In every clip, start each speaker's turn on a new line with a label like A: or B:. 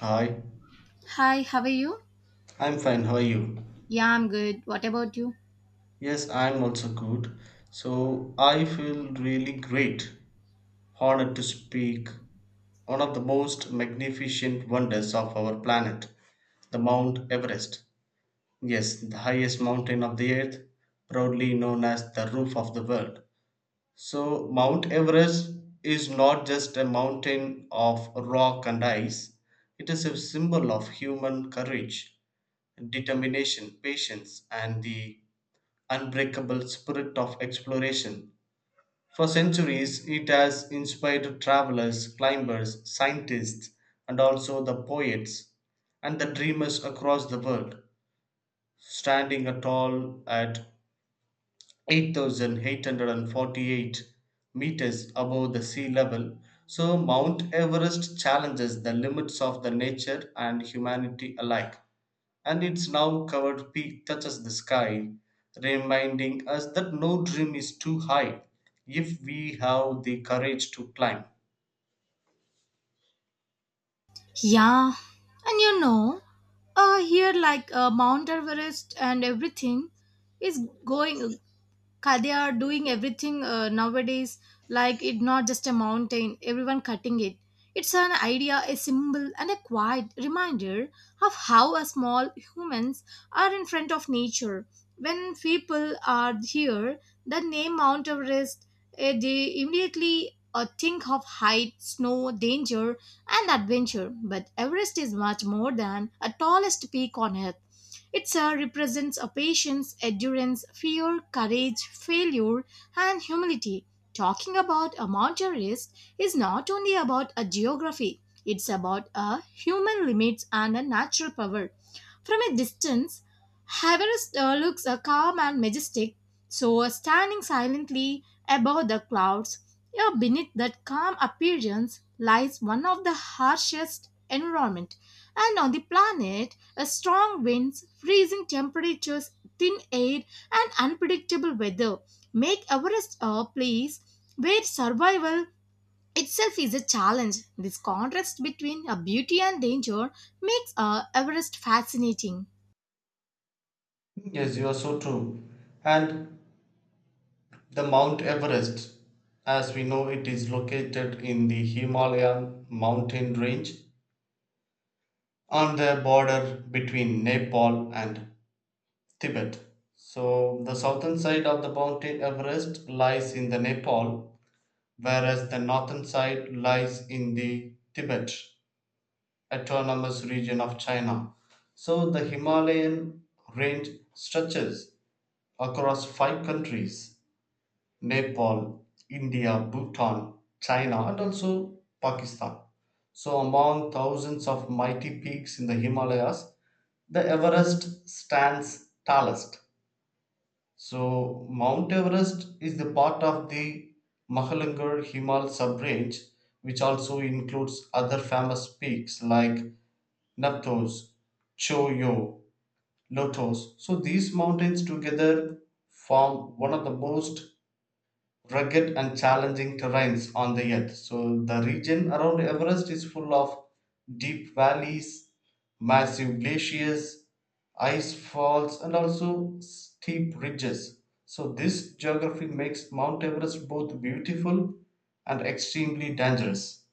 A: Hi,
B: Hi, how are you?
A: I'm fine. How are you?
B: Yeah, I'm good. What about you?
A: Yes, I'm also good. So I feel really great, honored to speak one of the most magnificent wonders of our planet, the Mount Everest. Yes, the highest mountain of the earth, proudly known as the roof of the world. So Mount Everest is not just a mountain of rock and ice. It is a symbol of human courage, determination, patience, and the unbreakable spirit of exploration. For centuries, it has inspired travelers, climbers, scientists, and also the poets and the dreamers across the world. Standing tall at 8,848 meters above the sea level. So, Mount Everest challenges the limits of the nature and humanity alike. And its now covered peak touches the sky, reminding us that no dream is too high if we have the courage to climb.
B: Yeah, and you know, here like Mount Everest and everything is going. They are doing everything nowadays, like it not just a mountain, everyone cutting it. It's an idea, a symbol, and a quiet reminder of how a small humans are in front of nature. When people are here, the name Mount Everest, they immediately think of height, snow, danger, and adventure, but Everest is much more than a tallest peak on earth. It represents a patience, endurance, fear, courage, failure, and humility. Talking about a mountainist is not only about a geography, it's about a human limits and a natural power. From a distance, Everest looks calm and majestic, so standing silently above the clouds. Yeah, beneath that calm appearance lies one of the harshest environment. And on the planet, a strong winds, freezing temperatures, thin air, and unpredictable weather make Everest a place where survival itself is a challenge. This contrast between a beauty and danger makes Everest fascinating.
A: Yes, you are so true. And the Mount Everest, as we know, it is located in the Himalayan mountain range on the border between Nepal and Tibet. So the southern side of the mountain Everest lies in the Nepal, whereas the northern side lies in the Tibet autonomous region of China. So the Himalayan range stretches across five countries: Nepal, India, Bhutan, China, and also Pakistan. So, among thousands of mighty peaks in the Himalayas, the Everest stands tallest. So Mount Everest is the part of the Mahalangar Himal sub-range, which also includes other famous peaks like Napthos, Choyo, Lotos. So these mountains together form one of the most rugged and challenging terrains on the earth. So the region around Everest is full of deep valleys, massive glaciers, ice falls, and also steep ridges. So this geography makes Mount Everest both beautiful and extremely dangerous.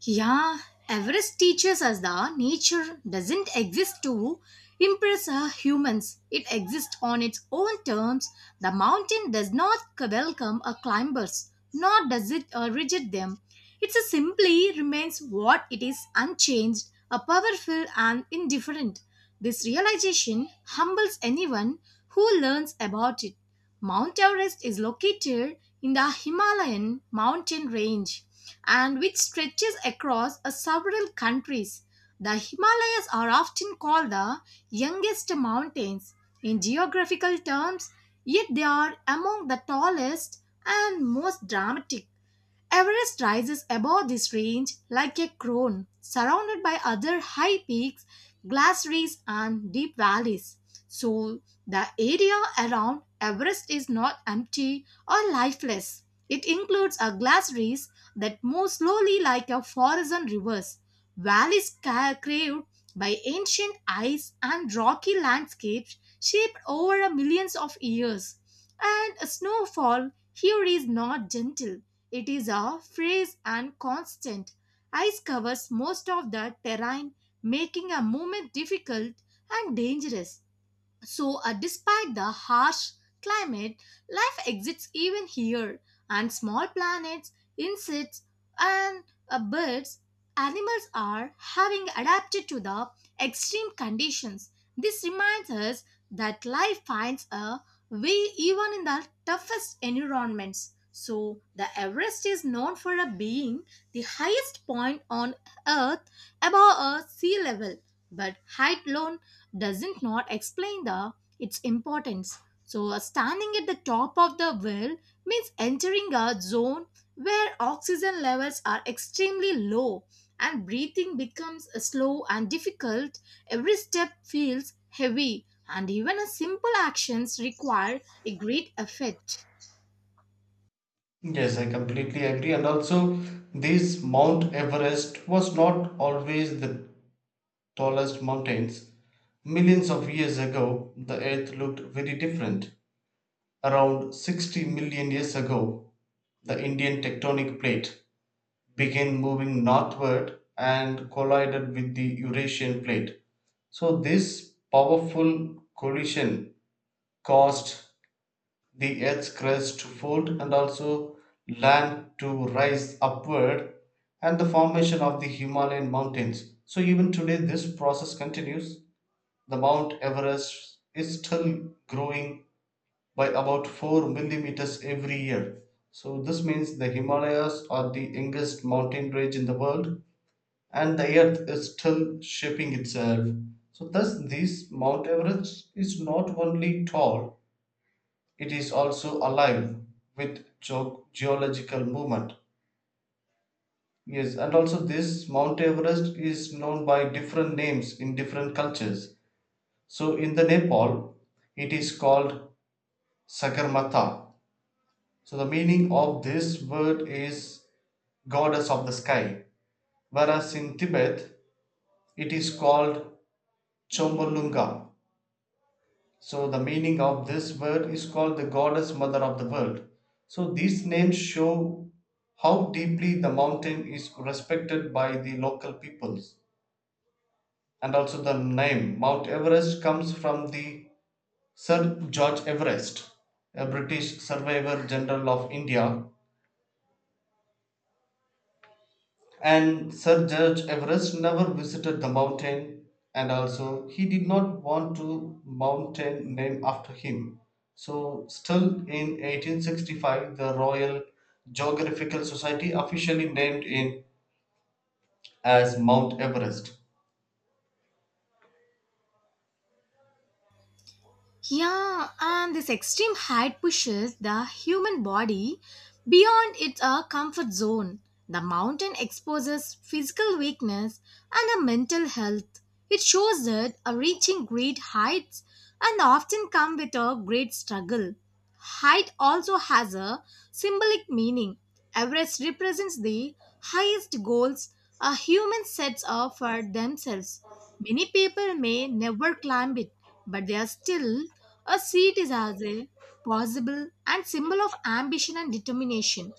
B: Yeah, Everest teaches us that nature doesn't exist to impress humans. It exists on its own terms. The mountain does not welcome a climbers, nor does it reject them. It simply remains what it is unchanged, a powerful and indifferent. This realization humbles anyone who learns about it. Mount Everest is located in the Himalayan mountain range, and which stretches across several countries. The Himalayas are often called the youngest mountains in geographical terms, yet they are among the tallest and most dramatic. Everest rises above this range like a crown, surrounded by other high peaks, glaciers, and deep valleys. So the area around Everest is not empty or lifeless. It includes a glaciers that move slowly like a forest and rivers, valleys carved by ancient ice and rocky landscapes shaped over a millions of years. And snowfall here is not gentle. It is a phrase and constant. Ice covers most of the terrain, making a movement difficult and dangerous. So, despite the harsh climate, life exists even here, and small planets, insects, and birds, animals are having adapted to the extreme conditions. This reminds us that life finds a way even in the toughest environments. So the Everest is known for a being the highest point on Earth above a sea level, but height alone doesn't not explain the its importance. So standing at the top of the well means entering a zone where oxygen levels are extremely low and breathing becomes slow and difficult. Every step feels heavy and even a simple actions require a great effort.
A: Yes, I completely agree. And also, this Mount Everest was not always the tallest mountains. Millions of years ago, the earth looked very different. Around 60 million years ago, the Indian tectonic plate began moving northward and collided with the Eurasian plate. So, this powerful collision caused the Earth's crust to fold and also land to rise upward and the formation of the Himalayan mountains. So, even today, this process continues. The Mount Everest is still growing by about 4 millimeters every year. So, this means the Himalayas are the youngest mountain range in the world and the earth is still shaping itself. So, thus, this Mount Everest is not only tall, it is also alive with geological movement. Yes, and also this Mount Everest is known by different names in different cultures. So, in the Nepal, it is called Sagarmatha. So the meaning of this word is goddess of the sky, whereas in Tibet it is called Chomolunga. So the meaning of this word is called the goddess mother of the world. So these names show how deeply the mountain is respected by the local peoples. And also the name Mount Everest comes from the Sir George Everest, a British surveyor general of India. And Sir George Everest never visited the mountain, and also he did not want to mountain named after him. So, still in 1865, the Royal Geographical Society officially named it as Mount Everest.
B: Yeah, and this extreme height pushes the human body beyond its comfort zone. The mountain exposes physical weakness and a mental health. It shows that reaching great heights and often come with a great struggle. Height also has a symbolic meaning. Everest represents the highest goals a human sets up for themselves. Many people may never climb it, but they are still a seat is as a possible and symbol of ambition and determination.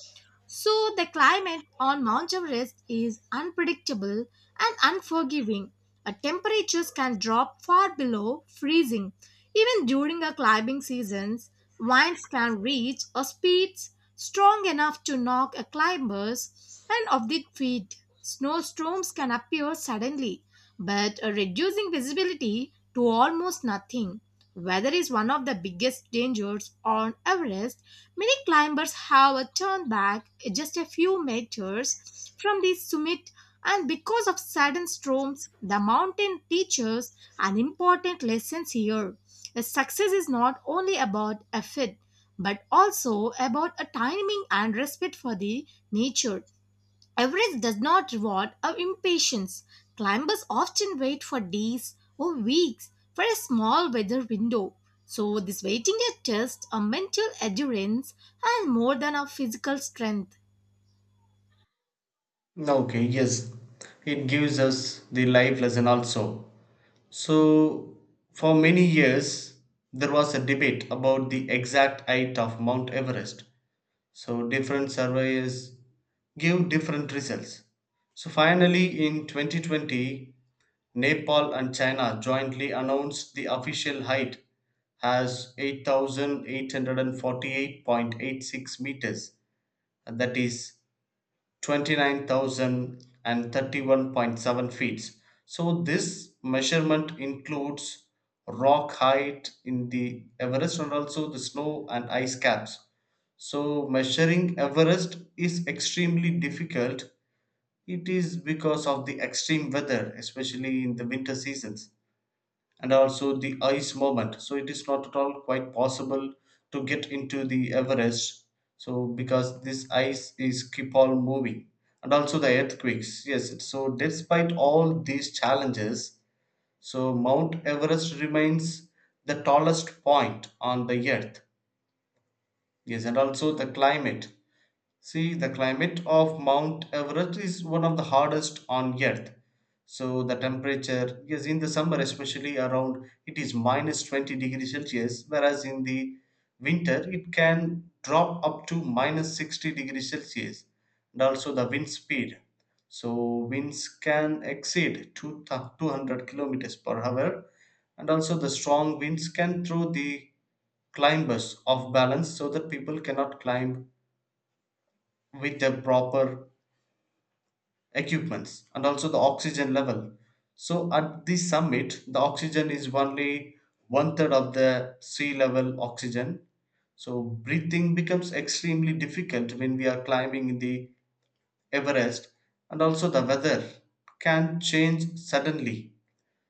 B: So the climate on Mount Everest is unpredictable and unforgiving. Temperatures can drop far below freezing. Even during a climbing seasons, winds can reach a speeds strong enough to knock a climber's and off their feet. Snowstorms can appear suddenly, but reducing visibility to almost nothing. Weather is one of the biggest dangers on Everest. Many climbers have a turn back just a few meters from the summit, and because of sudden storms, the mountain teaches an important lesson here. A success is not only about effort but also about a timing and respect for the nature. Everest does not reward our impatience. Climbers often wait for days or weeks for a small weather window. So this waiting tests just a mental endurance and more than a physical strength.
A: Okay, yes, it gives us the life lesson also. So, for many years, there was a debate about the exact height of Mount Everest. So, different surveyors give different results. So finally, in 2020, Nepal and China jointly announced the official height as 8,848.86 meters, and that is 29,031.7 feet. So this measurement includes rock height in the Everest and also the snow and ice caps. So measuring Everest is extremely difficult, it is because of the extreme weather, especially in the winter seasons, and also the ice moment. So it is not at all quite possible to get into the Everest. So because this ice is keep on moving, and also the earthquakes. Yes. So despite all these challenges, so Mount Everest remains the tallest point on the earth. Yes, and also the climate. See, the climate of Mount Everest is one of the hardest on earth. So the temperature, yes, in the summer especially around it is minus 20 degrees Celsius, whereas in the winter it can drop up to minus 60 degrees Celsius, and also the wind speed. So winds can exceed 200 kilometers per hour, and also the strong winds can throw the climbers off balance so that people cannot climb with the proper equipments and also the oxygen level. So at the summit, the oxygen is only one third of the sea level oxygen. So breathing becomes extremely difficult when we are climbing the Everest, and also the weather can change suddenly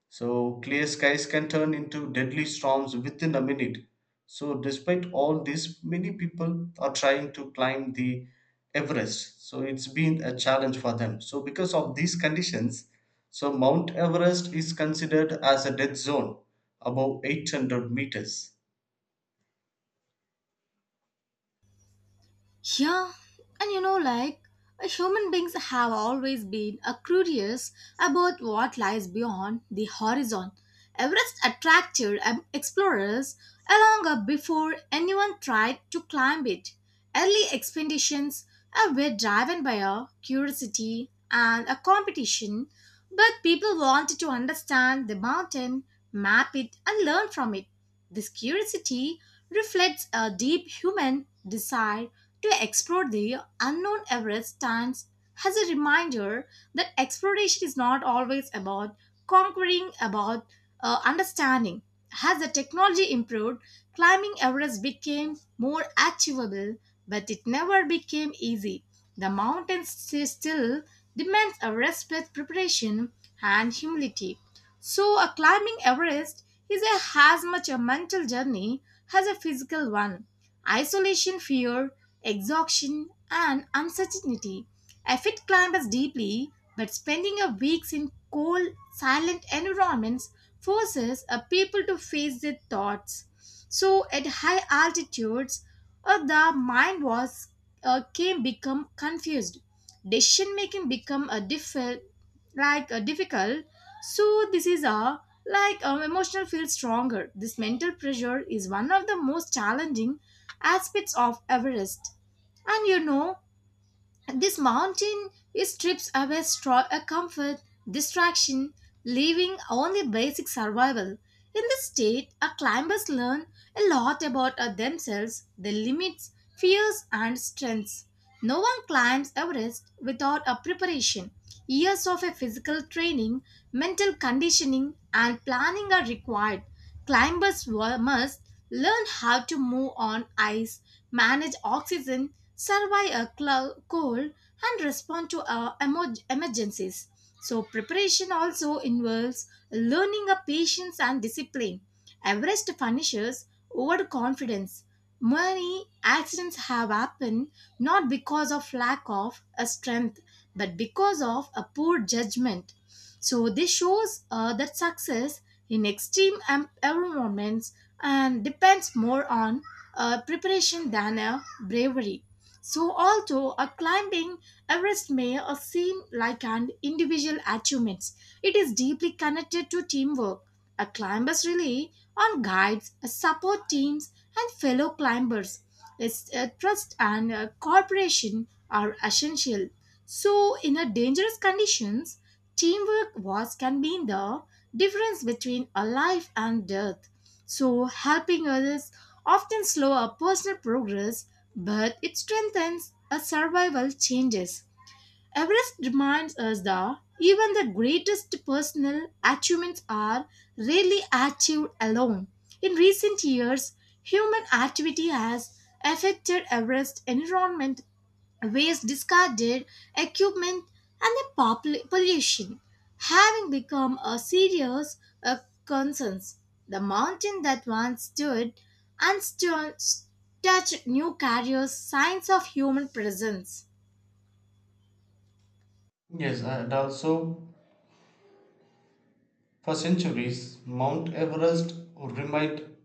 A: so clear skies can turn into deadly storms within a minute. So despite all this, many people are trying to climb the Everest. So it's been a challenge for them. So because of these conditions, so Mount Everest is considered as a death zone above 800 meters.
B: Yeah, and you know, like, human beings have always been a curious about what lies beyond the horizon. Everest attracted explorers long before anyone tried to climb it. Early expeditions were driven by a curiosity and a competition, but people wanted to understand the mountain, map it, and learn from it. This curiosity reflects a deep human desire to explore the unknown. Everest stands as a reminder that exploration is not always about conquering, about understanding. As the technology improved, climbing Everest became more achievable, but it never became easy. The mountain still demands a respect, preparation, and humility. So a climbing Everest is a, as much a mental journey as a physical one. Isolation, fear, exhaustion, and uncertainty. A fit climbs deeply, but spending a weeks in cold, silent environments forces a people to face their thoughts. So at high altitudes, the mind was can become confused. Decision making become a difficult, like a difficult. So this is a like emotional feel stronger. This mental pressure is one of the most challenging aspects of Everest. And you know, this mountain it strips away comfort, distraction, leaving only basic survival. In this state, our climbers learn a lot about themselves, their limits, fears, and strengths. No one climbs Everest without a preparation. Years of a physical training, mental conditioning, and planning are required. Climbers must learn how to move on ice, manage oxygen, survive a cold, and respond to emergencies. So preparation also involves learning a patience and discipline. Everest punishes overconfidence. Many accidents have happened not because of lack of a strength, but because of a poor judgment. So this shows that success in extreme environments and depends more on preparation than a bravery. So although a climbing Everest may seem like an individual achievement, it is deeply connected to teamwork. A climbers rely on guides, support teams, and fellow climbers. Its trust and cooperation are essential. So in a dangerous conditions, teamwork was can be the difference between a life and death. So helping others often slow a personal progress, but it strengthens as survival changes. Everest reminds us that even the greatest personal achievements are rarely achieved alone. In recent years, human activity has affected Everest environment, waste, discarded equipment, and the pollution having become a serious uh, concern, the mountain that once stood and still touch new carriers signs of human presence.
A: Yes, and also for centuries, Mount Everest remained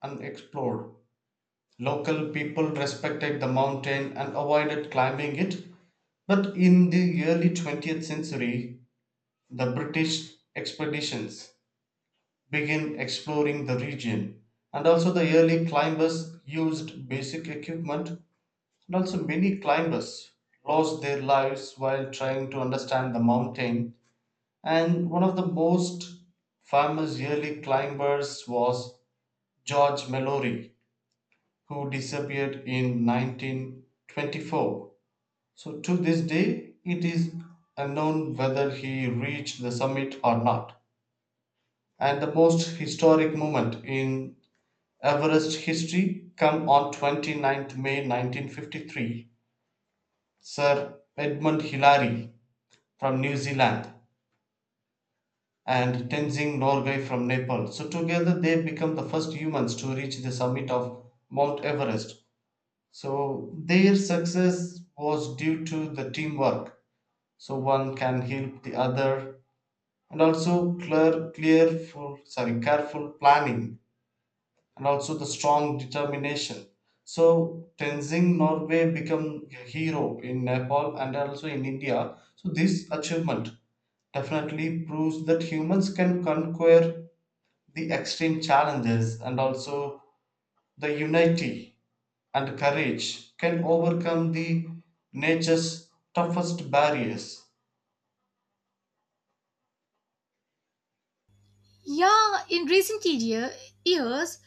A: unexplored. Local people respected the mountain and avoided climbing it, but in the early 20th century, the British expeditions began exploring the region, and also the early climbers used basic equipment, and also many climbers lost their lives while trying to understand the mountain. And one of the most famous early climbers was George Mallory, who disappeared in 1924. So to this day, it is unknown whether he reached the summit or not. And the most historic moment in Everest history come on twenty-ninth May 1953. Sir Edmund Hillary from New Zealand and Tenzing Norgay from Nepal. So together they become the first humans to reach the summit of Mount Everest. So their success was due to the teamwork. So one can help the other, and also careful planning, and also the strong determination. So Tenzing Norway become a hero in Nepal and also in India. So this achievement definitely proves that humans can conquer the extreme challenges and also the unity and courage can overcome the nature's toughest barriers.
B: Yeah, in years,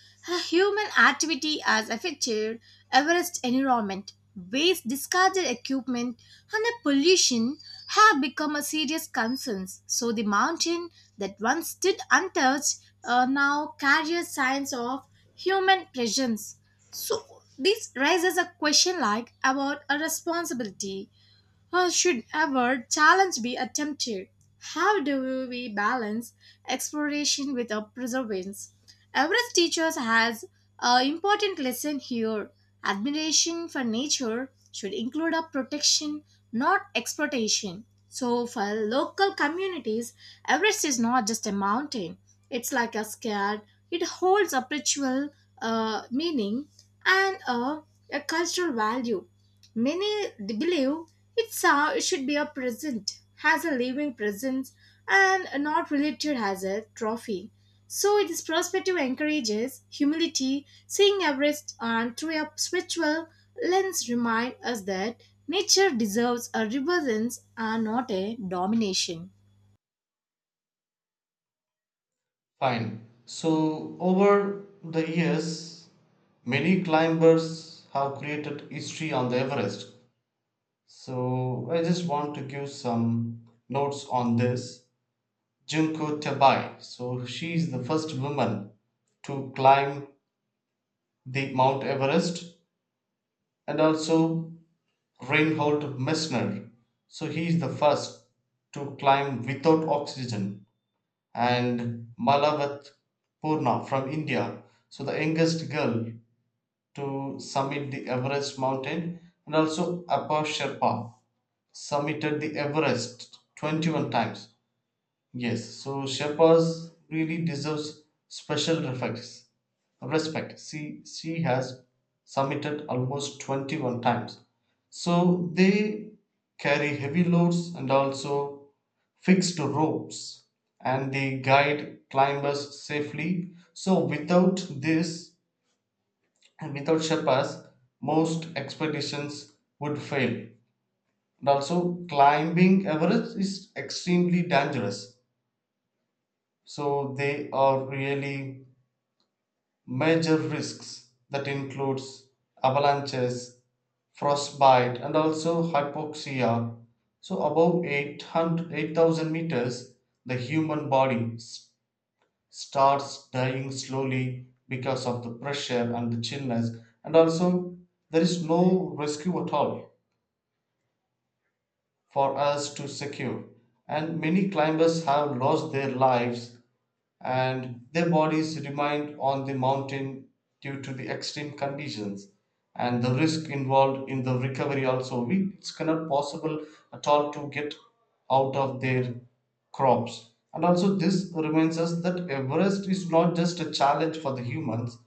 B: human activity has affected Everest environment. Waste, discarded equipment, and the pollution have become a serious concern. So the mountain that once stood untouched now carries signs of human presence. So this raises a question like about a responsibility. Should ever challenge be attempted? How do we balance exploration with a preservance? Everest teacher has an important lesson here. Admiration for nature should include a protection, not exploitation. So for local communities, Everest is not just a mountain, it's like a scared, it holds a spiritual meaning and a cultural value. Many believe it's a, it should be a present, has a living presence, and not related as a trophy. So this perspective encourages humility, seeing Everest and through a spiritual lens remind us that nature deserves a reverence and not a domination.
A: Fine. So over the years, many climbers have created history on the Everest. So I just want to give some notes on this. Junko Tabai. So she is the first woman to climb the Mount Everest, and also Reinhold Messner. So he is the first to climb without oxygen, and Malavat Purna from India, so the youngest girl to summit the Everest mountain, and also Apa Sherpa summited the Everest 21 times. Yes, so Sherpas really deserves special respects. Respect. See, she has summited almost 21 times. So they carry heavy loads and also fixed ropes, and they guide climbers safely. So without this and without Sherpas, most expeditions would fail. And also climbing Everest is extremely dangerous, so they are really major risks that includes avalanches, frostbite, and also hypoxia. So above 8,000 meters, the human body starts dying slowly because of the pressure and the chillness, and also there is no rescue at all for us to secure, and many climbers have lost their lives and their bodies remained on the mountain due to the extreme conditions, and the risk involved in the recovery also, we it's cannot possible at all to get out of their crops. And also this reminds us that Everest is not just a challenge for the humans,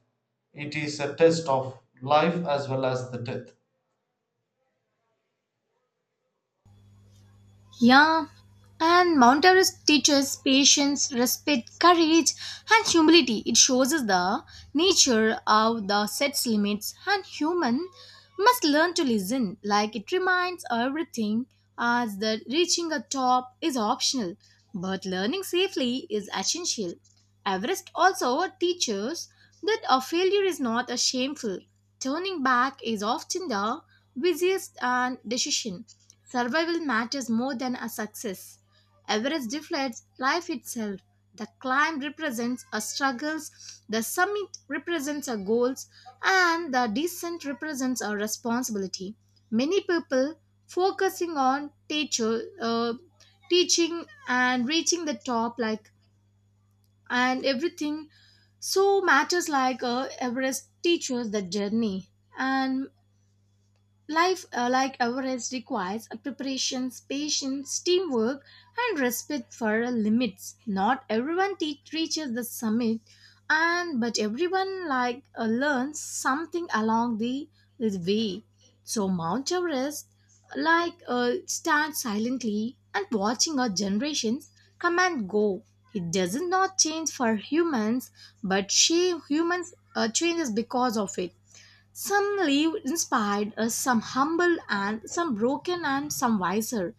A: it is a test of life as well as the death.
B: Yeah, and Mount Everest teaches patience, respect, courage, and humility. It shows us the nature of the set's limits, and human must learn to listen. Like it reminds everything as that reaching a top is optional, but learning safely is essential. Everest also teaches that a failure is not a shameful. Turning back is often the busiest and decision. Survival matters more than a success. Everest deflates life itself. The climb represents our struggles, the summit represents our goals, and the descent represents our responsibility. Many people focusing on teacher, teaching and reaching the top, like and everything so matters like Everest teaches the journey and life, like ours, requires a preparations, patience, teamwork, and respect for limits. Not everyone reaches the summit, and but everyone like learns something along the way. So Mount Everest, like stands silently and watching our generations come and go. It does not change for humans, but she humans changes because of it, some leave inspired, some humble, and some broken, and some wiser.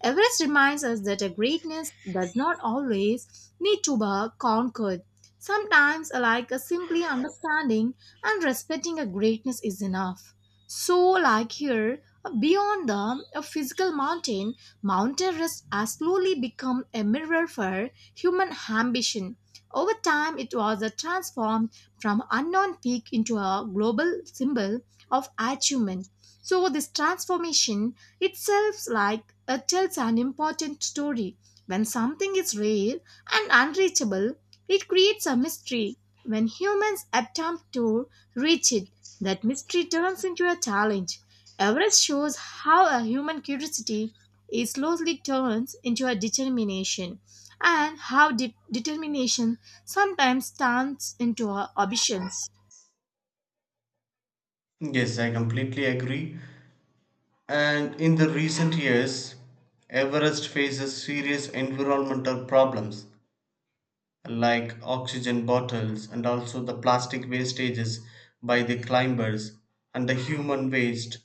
B: Everest reminds us that a greatness does not always need to be conquered. Sometimes, like a simply understanding and respecting a greatness is enough. So like here, beyond the a physical mountain, Mount Everest has slowly become a mirror for human ambition. Over time, it was transformed from unknown peak into a global symbol of achievement. So this transformation itself like tells an important story. When something is rare and unreachable, it creates a mystery. When humans attempt to reach it, that mystery turns into a challenge. Everest shows how a human curiosity it slowly turns into a determination and how determination sometimes turns into a ambitions.
A: Yes, I completely agree. And in the recent years, Everest faces serious environmental problems like oxygen bottles and also the plastic wastages by the climbers and the human waste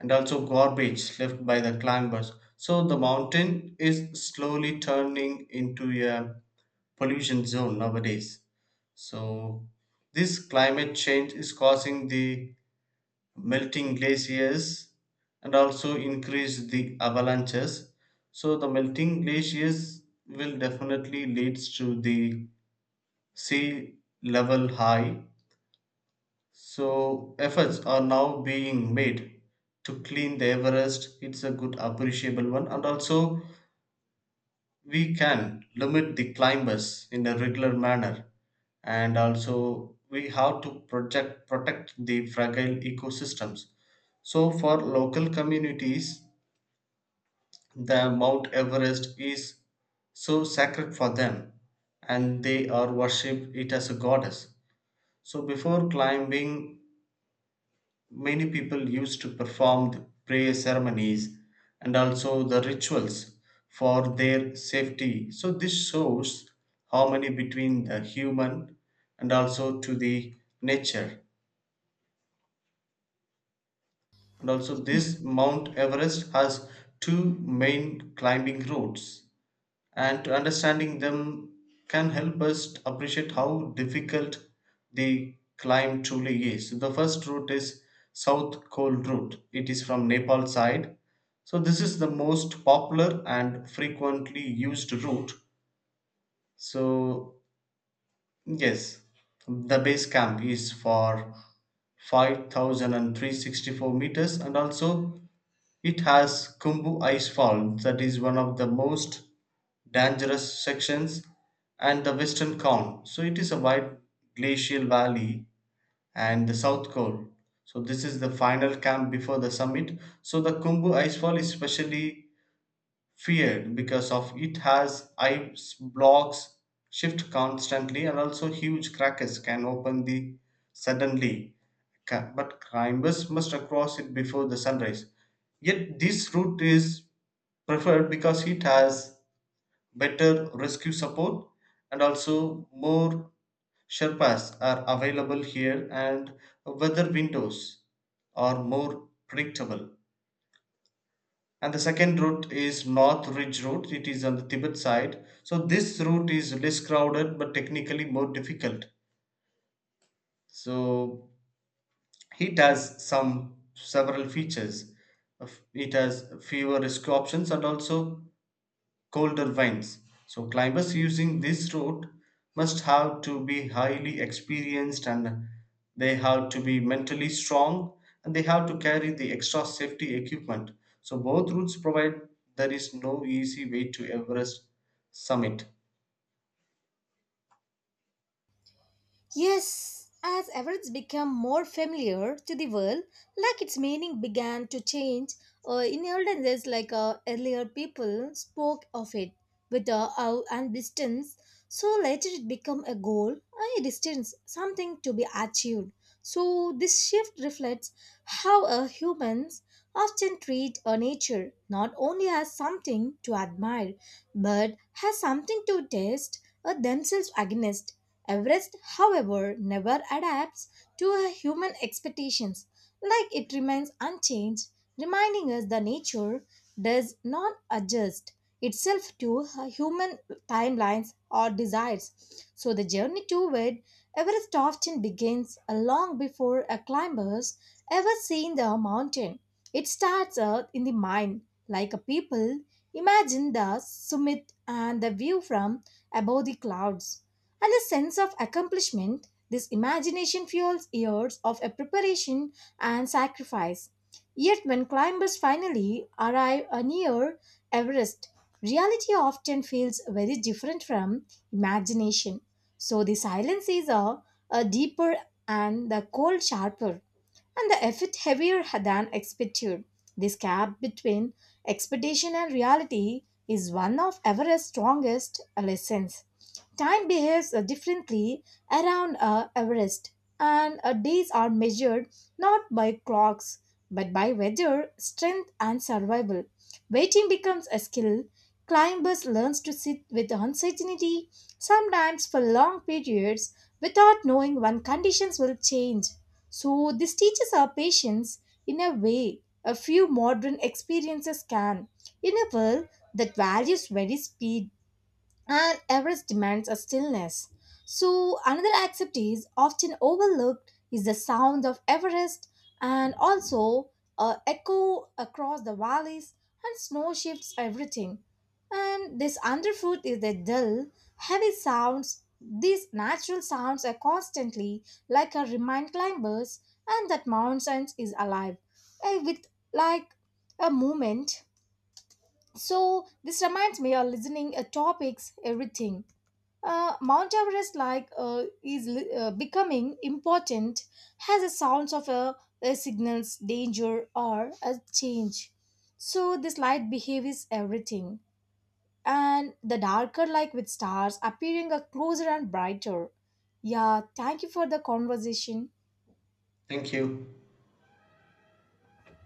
A: and also garbage left by the climbers, so the mountain is slowly turning into a pollution zone nowadays. So this climate change is causing the melting glaciers and also increase the avalanches. So the melting glaciers will definitely leads to the sea level high, so efforts are now being made to clean the Everest. It's a good, appreciable one, and also we can limit the climbers in a regular manner, and also we have to project protect the fragile ecosystems. So, for local communities, the Mount Everest is so sacred for them and they are worship it as a goddess. So, before climbing, many people used to perform the prayer ceremonies and also the rituals for their safety. So, this shows harmony between the human and also to the nature. And also, this Mount Everest has two main climbing routes, and to understanding them can help us to appreciate how difficult the climb truly is. The first route is South Coal Route. It is from Nepal side. So this is the most popular and frequently used route. So yes, the base camp is for 5,364 meters, and also it has Kumbu Ice Fall that is one of the most dangerous sections, and the western cone. So it is a wide glacial valley and the south cone. So this is the final camp before the summit. So the Kumbu icefall is specially feared because of it has ice blocks shift constantly and also huge crackers can open the suddenly. But climbers must cross it before the sunrise. Yet this route is preferred because it has better rescue support and also more Sherpas are available here and weather windows are more predictable. And the second route is North Ridge route. It is on the Tibet side. So this route is less crowded but technically more difficult. So it has some several features. It has fewer rescue options and also colder winds. So climbers using this route must have to be highly experienced, and they have to be mentally strong, and they have to carry the extra safety equipment. So both routes provide, there is no easy way to Everest summit.
B: Yes, as Everett's became more familiar to the world, like its meaning began to change, in olden days, like earlier people spoke of it with a awe and distance. So later it became a goal, a distance, something to be achieved. So this shift reflects how humans often treat nature not only as something to admire, but as something to test themselves against. Everest, however, never adapts to our human expectations, like it remains unchanged, reminding us that nature does not adjust itself to our human timelines or desires. So the journey toward Everest often begins long before a climber's ever seen the mountain. It starts out in the mind, like a people imagine the summit and the view from above the clouds. And the sense of accomplishment this imagination fuels years of a preparation and sacrifice. Yet when climbers finally arrive near Everest, reality often feels very different from imagination. So the silences are a deeper and the cold sharper and the effort heavier than expected. This gap between expectation and reality is one of Everest's strongest lessons. Time behaves differently around Everest, and days are measured not by clocks but by weather, strength, and survival. Waiting becomes a skill. Climbers learns to sit with uncertainty, sometimes for long periods, without knowing when conditions will change. So this teaches our patience in a way a few modern experiences can. In a world that values very speed, and Everest demands a stillness. So another aspect is often overlooked is the sound of Everest and also a echo across the valleys and snow shifts everything. And this underfoot is the dull, heavy sounds. These natural sounds are constantly like a remind climbers and that mountains is alive with like a movement. So this reminds me of listening topics everything, Mount Everest like is becoming important has a sounds of a signals danger or a change. So this light behaves everything, and the darker like with stars appearing a closer and brighter. Yeah, thank you for the conversation.
A: Thank you.